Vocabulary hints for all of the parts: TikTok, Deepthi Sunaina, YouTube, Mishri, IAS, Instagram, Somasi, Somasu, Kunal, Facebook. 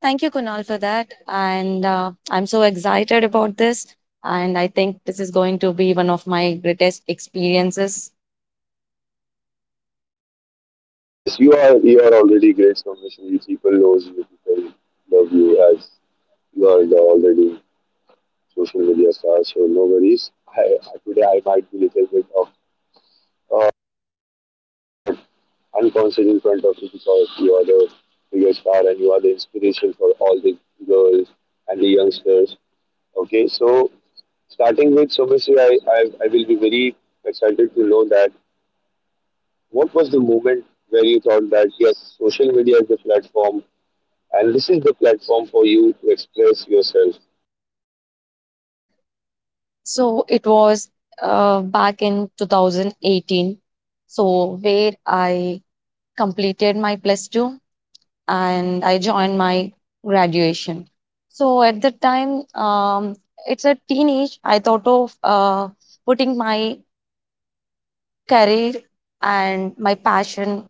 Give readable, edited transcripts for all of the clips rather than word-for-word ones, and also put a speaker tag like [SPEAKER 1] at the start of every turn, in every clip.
[SPEAKER 1] Thank you, Kunal, for that. And I'm so excited about this. And I think this is going to be one of my greatest experiences.
[SPEAKER 2] Yes, you are already great professionally. People knows you. People love you as you are the already social media star. So no worries. Today I might be little bit of uh, what unconscious in front of you because you are the biggest star and you are the inspiration for all the girls and the youngsters. Okay, so starting with Somasi, I will be very excited to know that what was the moment where you thought that yes, social media is the platform and this is the platform for you to express yourself.
[SPEAKER 1] So it was back in 2018. So where I completed my plus two and I joined my graduation. So at the time, it's a teenage. I thought of putting my career and my passion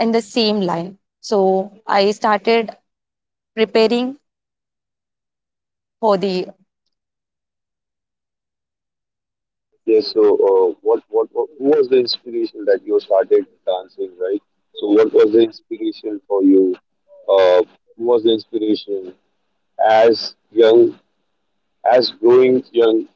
[SPEAKER 1] in the same line. So I started preparing for the.
[SPEAKER 2] Yes. So, who was the inspiration that you started dancing, right? So, what was the inspiration for you? Uh, who was the inspiration as young, as growing young?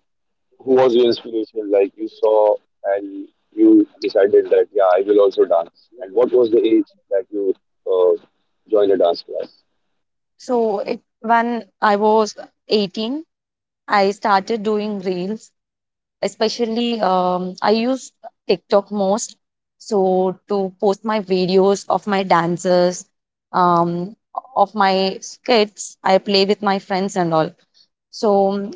[SPEAKER 2] Who was your inspiration? Like you saw and you decided that yeah, I will also dance. And what was the age that you uh, joined a dance class?
[SPEAKER 1] So it, when I was 18, I started doing reels. Especially, I used TikTok most. So to post my videos of my dances, um, of my skits, I play with my friends and all. So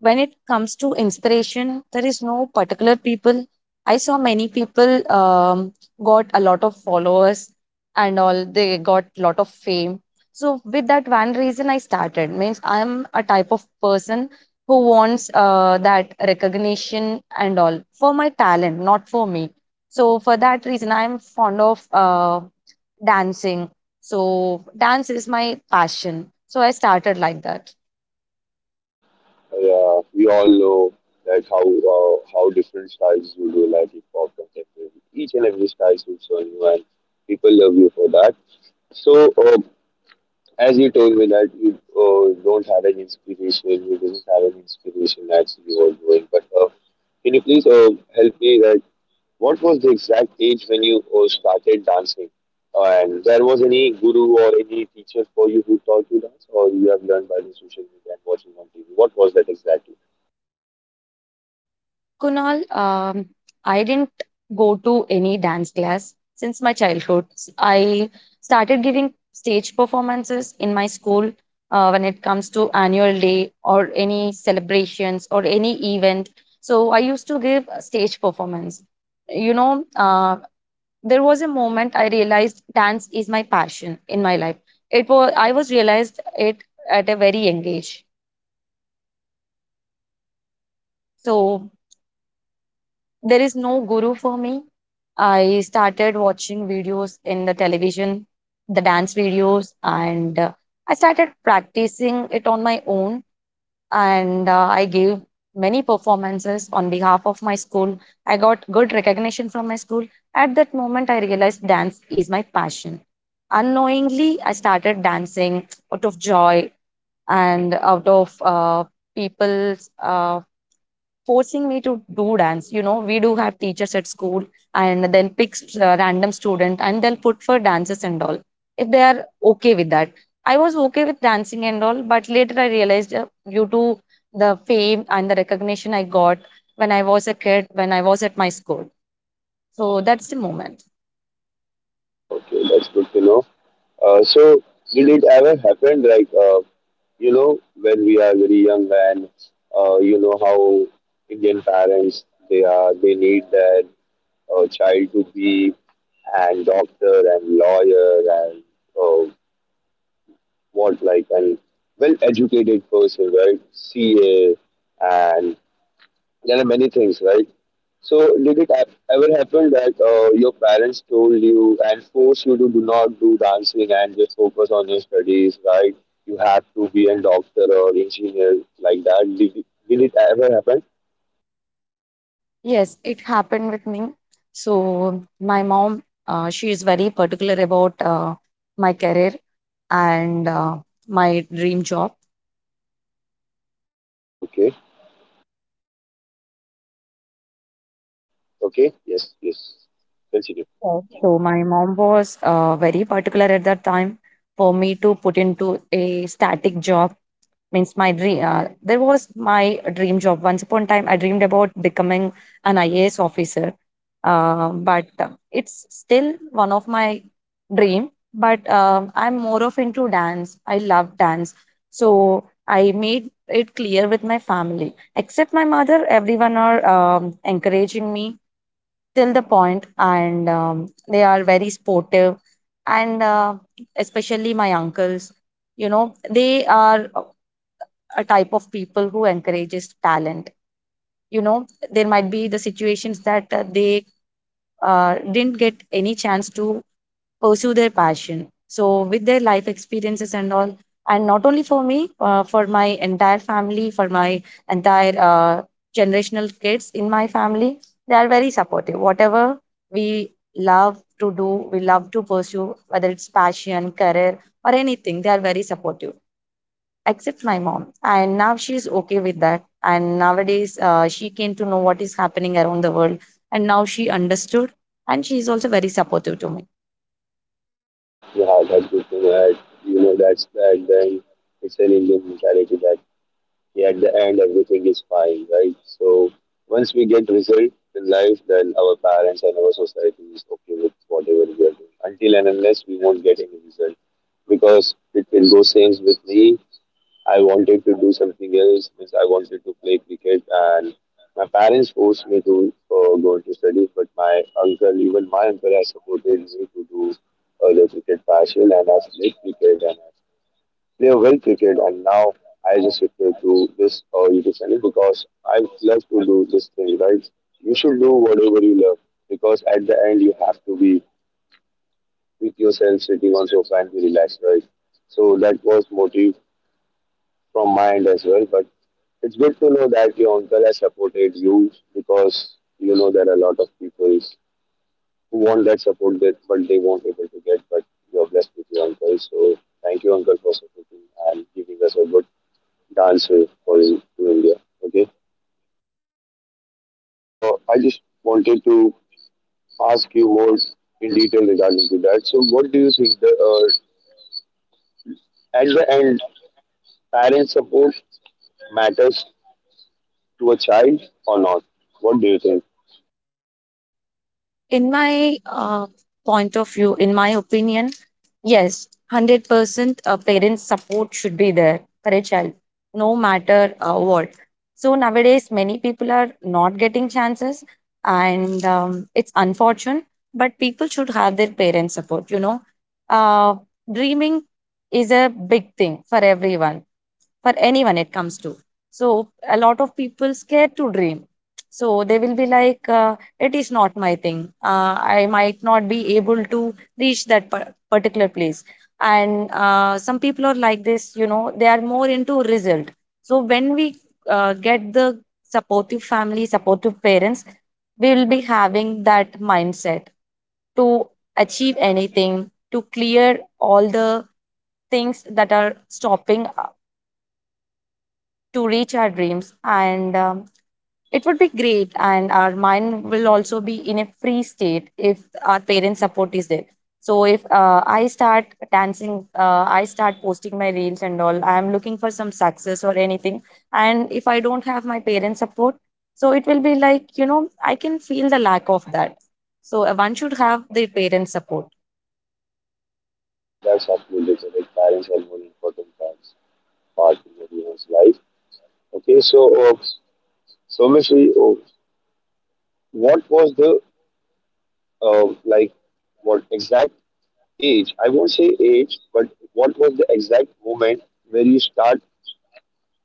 [SPEAKER 1] when it comes to inspiration, there is no particular people. I saw many people got a lot of followers and all. They got lot of fame. So with that one reason, I started. Means I'm a type of person who wants that recognition and all for my talent, not for me. So for that reason, I'm fond of dancing. So dance is my passion. So I started like that.
[SPEAKER 2] Yeah, we all know like how different styles you do, like hip hop, contemporary. Each and every style suits on you, and people love you for that. So, uh, as you told me that you don't have any inspiration, you didn't have any inspiration that you were doing. But can you please help me? Like, what was the exact age when you started dancing? And there was any guru or any teacher for you who taught you dance, or you have learned by the social media and watching on TV? What was that exactly?
[SPEAKER 1] Kunal, I didn't go to any dance class since my childhood. I started giving stage performances in my school when it comes to annual day or any celebrations or any event. So I used to give a stage performance. You know, there was a moment I realized dance is my passion in my life. It was I was realized it at a very young age. So there is no guru for me. I started watching videos in the television, the dance videos, and I started practicing it on my own. And I gave many performances on behalf of my school. I got good recognition from my school. At that moment, I realized dance is my passion. Unknowingly, I started dancing out of joy and out of people's forcing me to do dance. You know, we do have teachers at school, and they'll pick random student and they'll put for dances and all. If they are okay with that, I was okay with dancing and all, but later I realized due to the fame and the recognition I got when I was a kid, when I was at my school. So that's the moment.
[SPEAKER 2] Okay, that's good to know. So, did it ever happen, like, you know, when we are very young and you know how Indian parents they are, they need their child to be and doctor and lawyer and uh, what like and well educated person, right? CA and there are many things, right? So, did it ever happen that your parents told you and forced you to do not do dancing and just focus on your studies, right? You have to be a doctor or engineer like that. Did it ever happen?
[SPEAKER 1] Yes, it happened with me. So my mom, she is very particular about my career and my dream job.
[SPEAKER 2] Okay. Decline. Okay. Yes. Yes. Continue.
[SPEAKER 1] Yes. So my mom was very particular at that time for me to put into a static job. Means my dream. There was my dream job. Once upon a time, I dreamed about becoming an IAS officer. But it's still one of my dream. But I'm more of into dance. I love dance. So I made it clear with my family. Except my mother, everyone are encouraging me till the point, and they are very sportive. And especially my uncles, you know, they are a type of people who encourages talent. You know, there might be the situations that they didn't get any chance to pursue their passion. So, with their life experiences and all, and not only for me, for my entire family, for my entire generational kids in my family, they are very supportive. Whatever we love to do, we love to pursue, whether it's passion, career, or anything, they are very supportive, except my mom. And now she's okay with that. And nowadays, she came to know what is happening around the world. And now she understood, and she's also very supportive to me.
[SPEAKER 2] Yeah, that's that good thing that you know that's that. Then it's an Indian mentality that yeah, at the end everything is fine, right? So once we get result in life, then our parents and our society is okay with whatever we are doing until and unless we won't get any result. Because it goes same with me. I wanted to do something else, means I wanted to play cricket and my parents forced me to go into studies, but my uncle, even my uncle has supported me to do the cricket partial, and I played cricket and play well cricket. And now I just refer to this YouTube channel because I love to do this thing, right? You should do whatever you love, because at the end you have to be with yourself sitting on sofa and be relaxed, right? So that was motive from my end as well. But it's good to know that your uncle has supported you, because you know there are a lot of people who want that support that but they won't able to get. But you're blessed with your uncle, so thank you, uncle, for supporting and giving us a good dance with for in India. Okay, I just wanted to ask you more in detail regarding to that. So, what do you think? At the end, parent support matters to a child or not? What do you think?
[SPEAKER 1] In my point of view, in my opinion, yes, 100% parent support should be there for a child, no matter what. So nowadays many people are not getting chances, and it's unfortunate, but people should have their parent support. You know, uh, dreaming is a big thing for everyone, for anyone it comes to. So a lot of people scared to dream, so they will be like, it is not my thing. I might not be able to reach that particular place. And some people are like this, you know, they are more into result. So when we get the supportive family, supportive parents, we will be having that mindset to achieve anything, to clear all the things that are stopping to reach our dreams. And it would be great. And our mind will also be in a free state if our parents' support is there. So if I start dancing, I start posting my reels and all, I am looking for some success or anything. And if I don't have my parents' support, so it will be like, you know, I can feel the lack of that. So one should have their parents' support.
[SPEAKER 2] Yeah, that's absolutely correct. Parents are more important part in everyone's life. Okay, so basically, oh, what was the like what exact age? I won't say age, but what was the exact moment where you start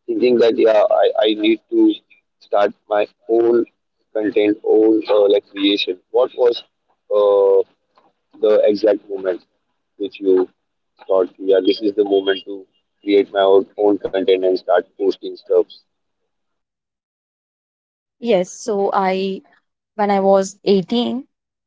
[SPEAKER 2] thinking that yeah, I need to start my own content, own like creation. What was uh, the exact moment which you thought, yeah, this is the moment to create my own content and start posting stuff?
[SPEAKER 1] Yes, so I when I was 18.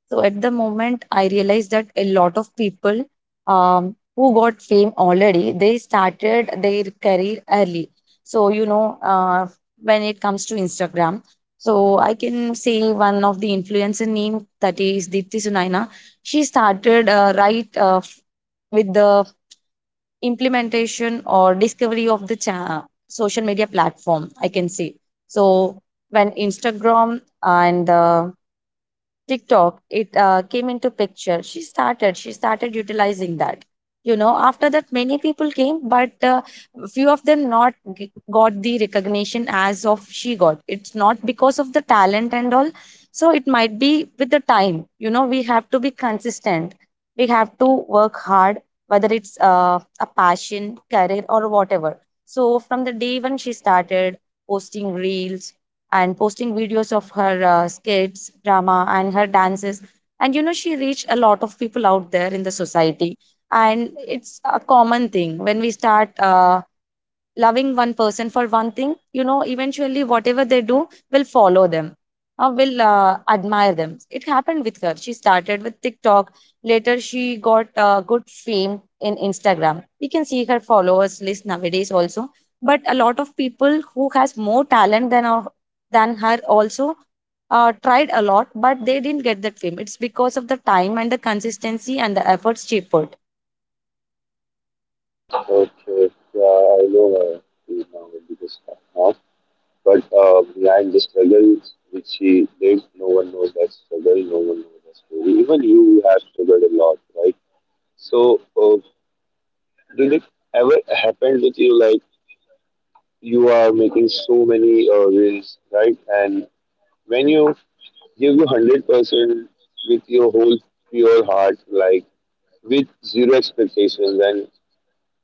[SPEAKER 1] So at the moment, I realized that a lot of people who got fame already, they started their career early. So, you know, when it comes to Instagram, so I can say one of the influencer name that is Deepthi Sunaina. She started with the implementation or discovery of the social media platform, I can say. So when Instagram and TikTok, it came into picture. She started utilizing that. You know, after that, many people came, but few of them not g- got the recognition as of she got. It's not because of the talent and all. So it might be with the time. You know, we have to be consistent. We have to work hard, whether it's a passion, career, or whatever. So from the day when she started posting reels, and posting videos of her skits, drama, and her dances. And you know, she reached a lot of people out there in the society. And it's a common thing when we start loving one person for one thing, you know, eventually whatever they do will follow them or will admire them. It happened with her. She started with TikTok. Later, she got good fame in Instagram. You can see her followers list nowadays also. But a lot of people who has more talent than her, than her also, tried a lot, but they didn't get that fame. It's because of the time and the consistency and the efforts she put.
[SPEAKER 2] Okay, yeah, I know her, she's now a bigger star now, but behind the struggle which she did, no one knows that struggle, no one knows that story. Even you have struggled a lot, right? So, uh, Did it ever happen with you like you are making so many reels, right? And when you give you 100% with your whole pure heart, like with zero expectations, and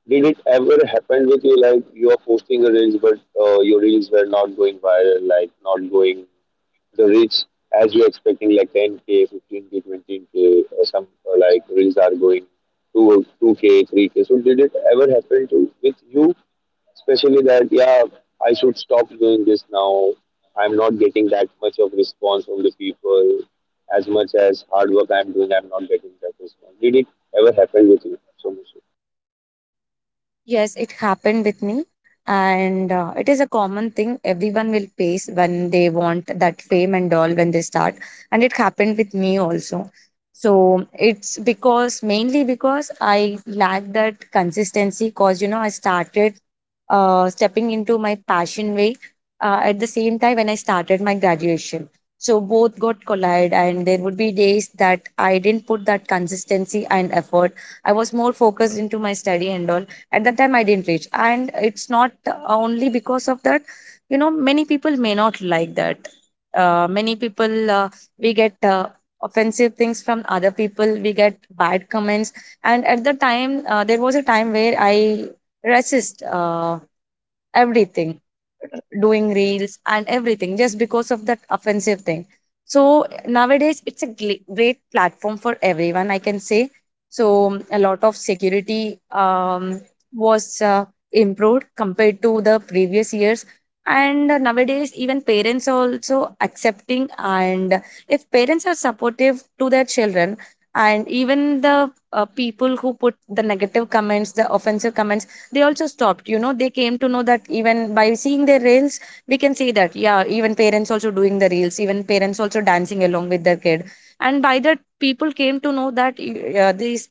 [SPEAKER 2] did it ever happen with you like you are posting a reels, but your reels were not going viral, like not going the reach as you're expecting, like 10k, 15k, 20k, or some or like reels are going to 2 2k, 3k. So did it ever happen to with you especially that yeah, I should stop doing this now. I'm not getting that much of response from the people. As much as hard work I'm doing, I'm not getting that response. Did it ever happen with you so much?
[SPEAKER 1] Yes, it happened with me. And it is a common thing everyone will face when they want that fame and all when they start. And it happened with me also. So it's because mainly because I lack that consistency because, you know, I started stepping into my passion way at the same time when I started my graduation. So both got collided, and there would be days that I didn't put that consistency and effort. I was more focused into my study and all at that time. I didn't reach, and it's not only because of that. You know, many people may not like that. Many people we get offensive things from other people. We get bad comments, and at the time there was a time where I resist everything, doing reels and everything just because of that offensive thing. So nowadays, it's a great platform for everyone, I can say. So a lot of security was improved compared to the previous years. And nowadays, even parents are also accepting. And if parents are supportive to their children, and even the people who put the negative comments, the offensive comments, they also stopped. You know, they came to know that even by seeing their reels we can see that yeah, even parents also doing the reels, even parents also dancing along with their kid. And by that people came to know that these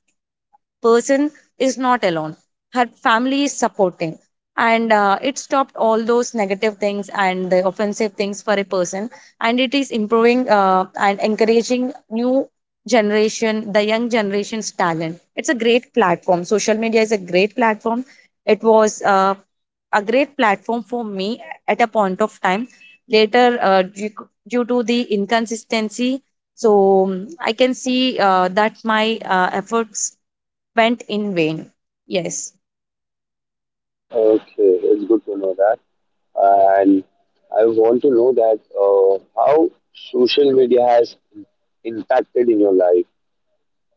[SPEAKER 1] person is not alone. Her family is supporting. And it stopped all those negative things and the offensive things for a person. And it is improving and encouraging new generation, the young generation's talent. It's a great platform. Social media is a great platform. It was a great platform for me at a point of time. Later, due to the inconsistency, so I can see that my efforts went in vain. Yes.
[SPEAKER 2] Okay, it's good to know that. And I want to know that how social media has impacted in your life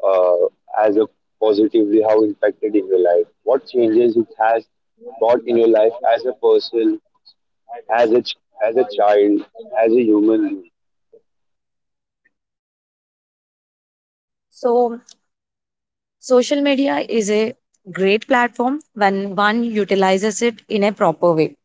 [SPEAKER 2] uh, as a positively, how impacted in your life, what changes it has brought in your life as a person, as a ch- as a child, as a human.
[SPEAKER 1] So social media is a great platform when one utilizes it in a proper way.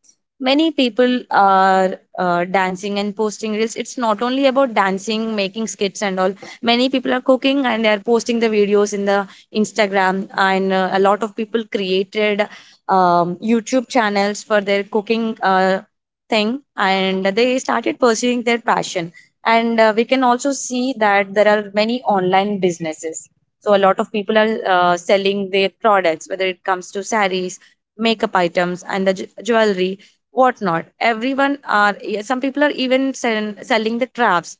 [SPEAKER 1] Many people are dancing and posting reels. It's not only about dancing, making skits, and all. Many people are cooking and they are posting the videos in the Instagram. And a lot of people created YouTube channels for their cooking thing, and they started pursuing their passion. And we can also see that there are many online businesses, so a lot of people are selling their products, whether it comes to saris, makeup items, and the jewelry, whatnot. Everyone are, yeah, some people are even selling the crafts,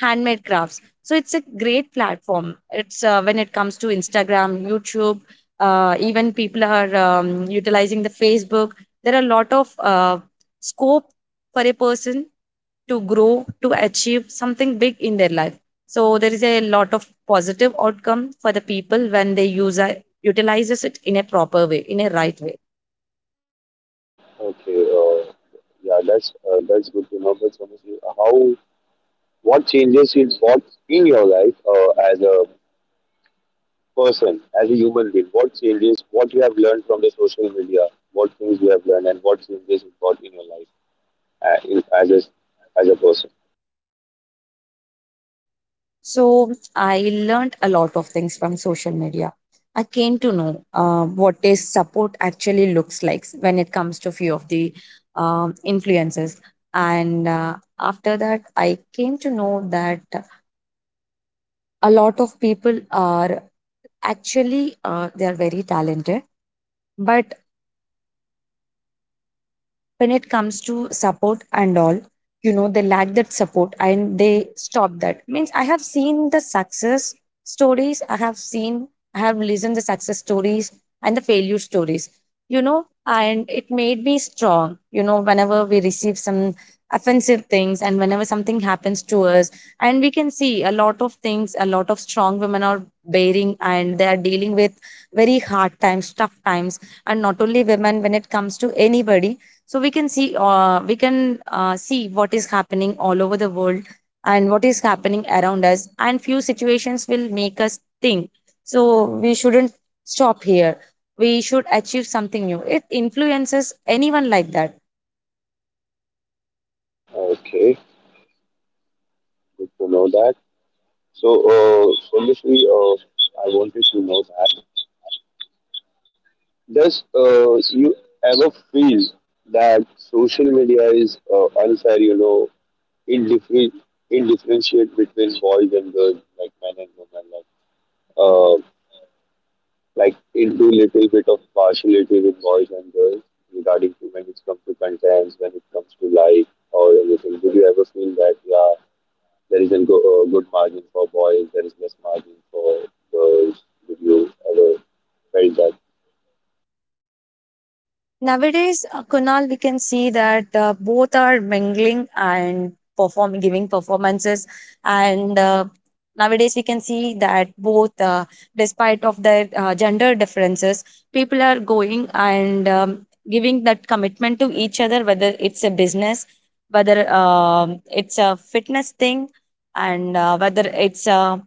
[SPEAKER 1] handmade crafts. So it's a great platform. It's When it comes to Instagram, YouTube, even people are utilizing the Facebook. There are a lot of scope for a person to grow, to achieve something big in their life, so there is a lot of positive outcome for the people when they utilizes it in a proper way, in a right way.
[SPEAKER 2] Okay, yeah, that's good to know. But obviously, how what changes is what in your life as a person, as a human being? What changes? What you have learned from the social media? What things you have learned, and what changes you got in your life as a person?
[SPEAKER 1] So I learned a lot of things from social media. I came to know what is support actually looks like when it comes to few of the influences. And after that, I came to know that a lot of people are actually, they are very talented, but when it comes to support and all, you know, they lack that support and they stop. That means I have seen the success stories, I have seen, I have listened the success stories and the failure stories, you know. And it made me strong. You know, whenever we receive some offensive things, and whenever something happens to us, and we can see a lot of things, a lot of strong women are bearing and they are dealing with very hard times, tough times. And not only women, when it comes to anybody. So we can see, we can see what is happening all over the world and what is happening around us, and few situations will make us think. So we shouldn't stop here, we should achieve something new. It influences anyone like that.
[SPEAKER 2] Okay, good to know that. So, I wanted to know that, does you ever feel that social media is unfair? You know, indifferent, indifferentiate between boys and girls, like men and women, uh, like into little bit of partiality with boys and girls regarding to when it comes to contents, when it comes to like or anything. Do you ever feel that yeah, there is a good margin for boys, there is less margin for girls? Did you ever felt that?
[SPEAKER 1] Nowadays, Kunal, we can see that both are mingling and perform giving performances, and nowadays we can see that both, despite of their gender differences, people are going and giving that commitment to each other, whether it's a business, whether, it's a fitness thing, and whether it's a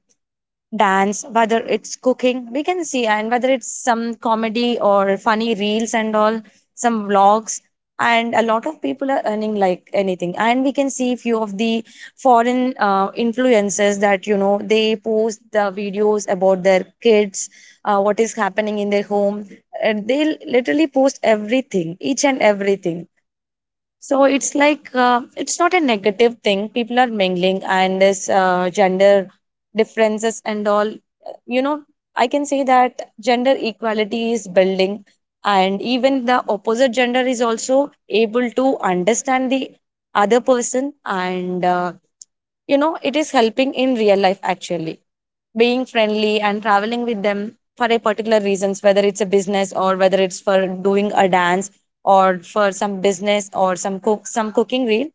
[SPEAKER 1] dance, whether it's cooking, we can see, and whether it's some comedy or funny reels and all, some vlogs. And a lot of people are earning like anything, and we can see few of the foreign influencers that, you know, they post the videos about their kids, what is happening in their home, and they literally post everything, each and everything. So it's like, it's not a negative thing. People are mingling, and this gender differences and all. You know, I can say that gender equality is building, and even the opposite gender is also able to understand the other person, and you know, it is helping in real life actually, being friendly and traveling with them for a particular reasons, whether it's a business or whether it's for doing a dance, or for some business or some cook some cooking reel,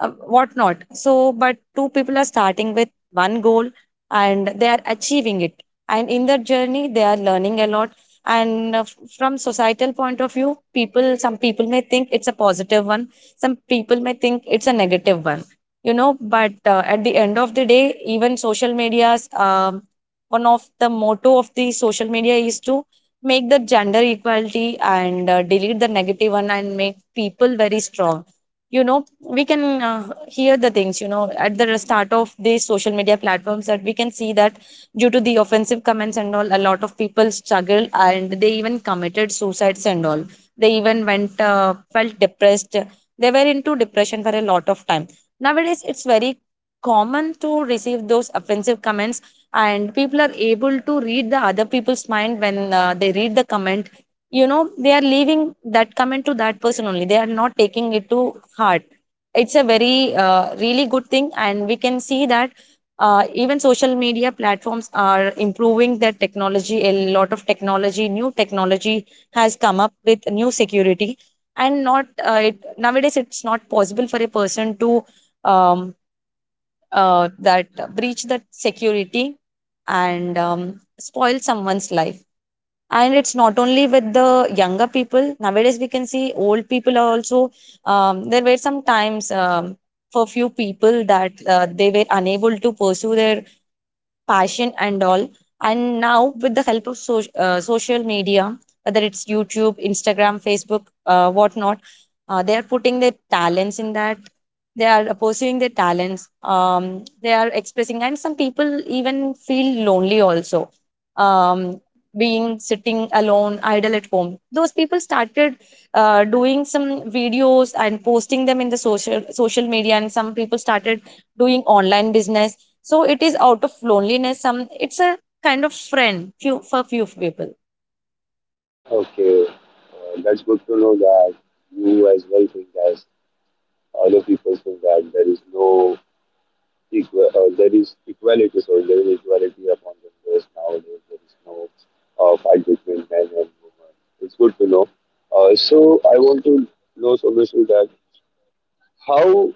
[SPEAKER 1] whatnot. So, but two people are starting with one goal and they are achieving it, and in that journey they are learning a lot. And from societal point of view, people, some people may think it's a positive one, some people may think it's a negative one, you know. But at the end of the day, even social medias, um, one of the motto of the social media is to make the gender equality and delete the negative one and make people very strong, you know. We can hear the things, you know, at the start of these social media platforms, that we can see that due to the offensive comments and all, a lot of people struggled and they even committed suicides and all. They even went, felt depressed, they were into depression for a lot of time. Nowadays it's very common to receive those offensive comments, and people are able to read the other people's mind. When they read the comment, you know, they are leaving that comment to that person only, they are not taking it to heart. It's a very really good thing. And we can see that even social media platforms are improving their technology. A lot of technology, new technology has come up with new security, and not it nowadays it's not possible for a person to, um, that breach that security and spoil someone's life. And it's not only with the younger people. Nowadays, we can see old people are also. There were some times, for few people that they were unable to pursue their passion and all. And now, with the help of social media, whether it's YouTube, Instagram, Facebook, whatnot, they are putting their talents in that. They are pursuing their talents. They are expressing, and some people even feel lonely also. Um, being sitting alone, idle at home, those people started doing some videos and posting them in the social media, and some people started doing online business. So it is out of loneliness, some, it's a kind of friend few for few people.
[SPEAKER 2] Okay, that's good to know that you as well think as other people think that there is no equal, there is equality, so there is equality upon the genders nowadays. There is no fight between men and women. It's good to know. So I want to know, Somesu, that how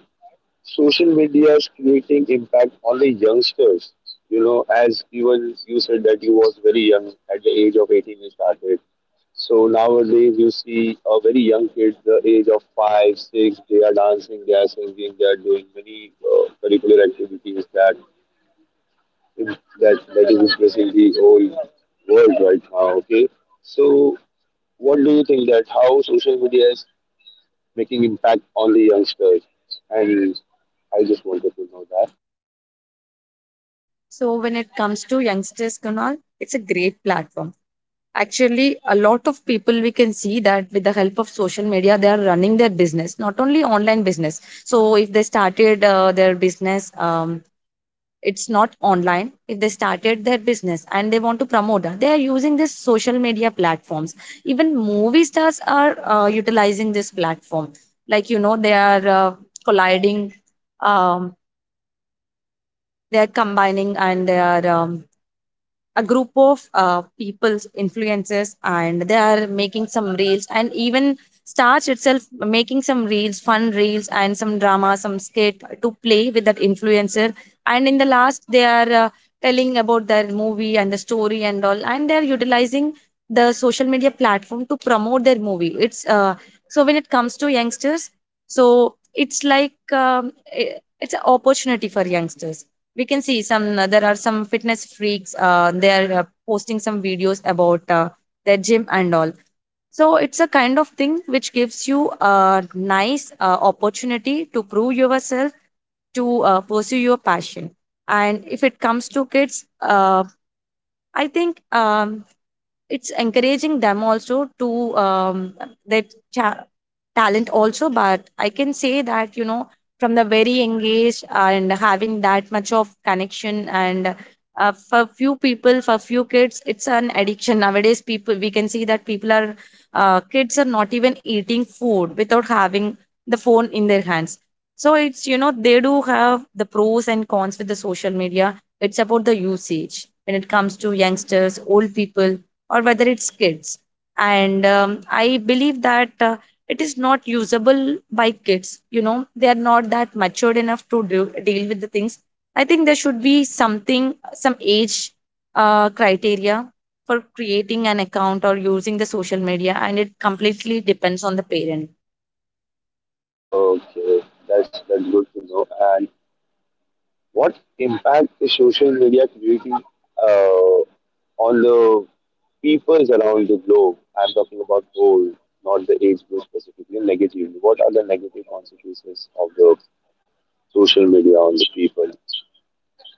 [SPEAKER 2] social media is creating impact on the youngsters. You know, as even you said that you was very young at the age of 18 you started. So nowadays you see a very young kid, the age of five, six, they are dancing, they are singing, they are doing many curricular activities that that is impressing the whole world right now. Okay, so what do you think that how social media is making impact on the youngsters? And I just wanted to know that.
[SPEAKER 1] So when it comes to youngsters, Kunal, it's a great platform. Actually, a lot of people, we can see that with the help of social media, they are running their business, not only online business. So if they started their business, it's not online, if they started their business and they want to promote that, they are using this social media platforms. Even movie stars are utilizing this platform. Like, you know, they are colliding, um, they are combining and they are, a group of people, influencers, and they are making some reels. And even stars itself making some reels, fun reels, and some drama, some skit to play with that influencer, and in the last they are telling about their movie and the story and all, and they are utilizing the social media platform to promote their movie. It's uh, so when it comes to youngsters, so it's like, i- it's an opportunity for youngsters. We can see some, there are some fitness freaks, they are posting some videos about their gym and all. So it's a kind of thing which gives you a nice opportunity to prove yourself, to pursue your passion. And if it comes to kids, uh, I think, it's encouraging them also to, their cha- talent also. But I can say that, you know, from the very engaged and having that much of connection, and for few people, for few kids, it's an addiction. Nowadays people, we can see that people are, kids are not even eating food without having the phone in their hands. So it's, you know, they do have the pros and cons with the social media. It's about the usage when it comes to youngsters, old people, or whether it's kids. And I believe that it is not usable by kids. You know, they are not that matured enough to do, deal with the things. I think there should be something, some age criteria for creating an account or using the social media, and it completely depends on the parent.
[SPEAKER 2] Okay, that's good to know. And what impact is social media creating on the peoples around the globe? I'm talking about whole, not the age group specifically. Negatively, what are the negative consequences of the social media on the people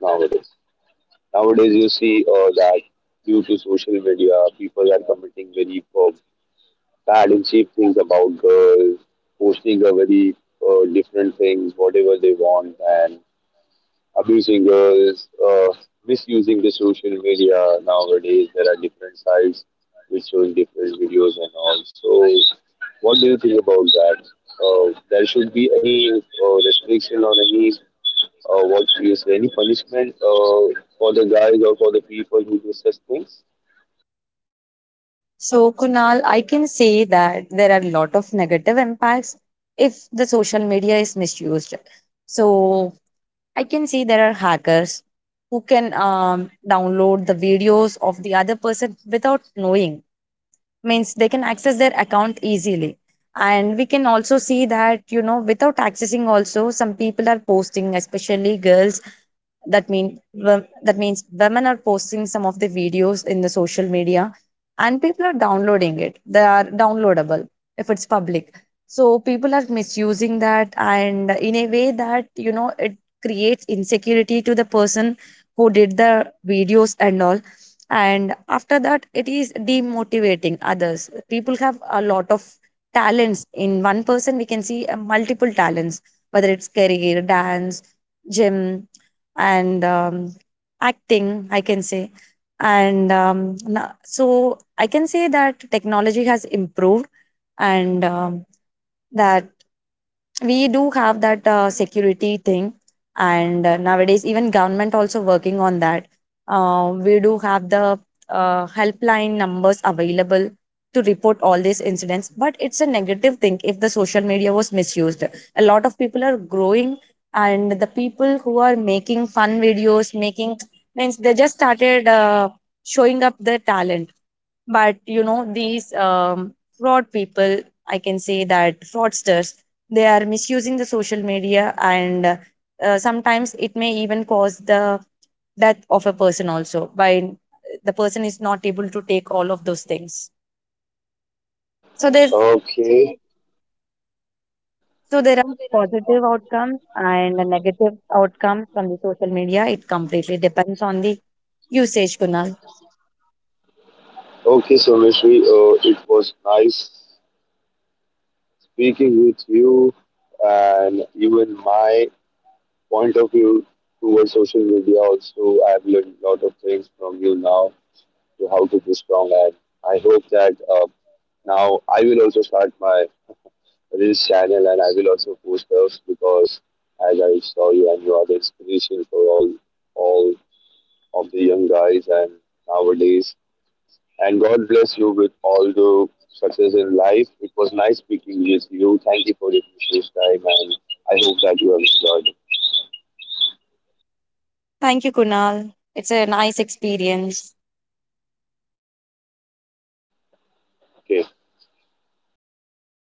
[SPEAKER 2] nowadays? Nowadays, you see that due to social media, people are committing very bad and cheap things about girls, posting a very different things, whatever they want, and abusing girls, misusing the social media nowadays. There are different sites which shows different videos and all. So, what do you think about that? There should be any restriction or any what do you say, any punishment for the guys or for the people who do such things?
[SPEAKER 1] So, Kunal, I can say that there are a lot of negative impacts if the social media is misused. So I can see there are hackers who can, download the videos of the other person without knowing. Means they can access their account easily. And we can also see that, you know, without accessing, also some people are posting, especially girls, that that means women are posting some of the videos in the social media, and people are downloading it, they are downloadable if it's public. So people are misusing that, and in a way that, you know, it creates insecurity to the person who did the videos and all. And after that, it is demotivating others. People have a lot of talents. In one person we can see multiple talents, whether it's career, dance, gym, and, acting, I can say. And so I can say that technology has improved, and, that we do have that security thing. And nowadays even government also working on that. We do have the helpline numbers available to report all these incidents. But it's a negative thing if the social media was misused. A lot of people are growing, and the people who are making fun videos, making, means they just started showing up their talent. But you know, these fraud people, I can say that fraudsters, they are misusing the social media. And sometimes it may even cause the death of a person also, by the person is not able to take all of those things. So there's,
[SPEAKER 2] Okay, yeah.
[SPEAKER 1] so there are positive outcomes and a negative outcomes from the social media. It completely depends on the usage, Kunal.
[SPEAKER 2] Okay, so Mishri, it was nice speaking with you, and even my point of view towards social media also, I've learned a lot of things from you now to how to be strong. And I hope that now I will also start my reels channel, and I will also post those because as I saw you, and you are the inspiration for all of the young guys and nowadays. And god bless you with all the success in life. It was nice speaking with you. Thank you for your precious time, and I hope that you have enjoyed.
[SPEAKER 1] Thank you, Kunal. It's a nice experience.
[SPEAKER 2] Okay, so guys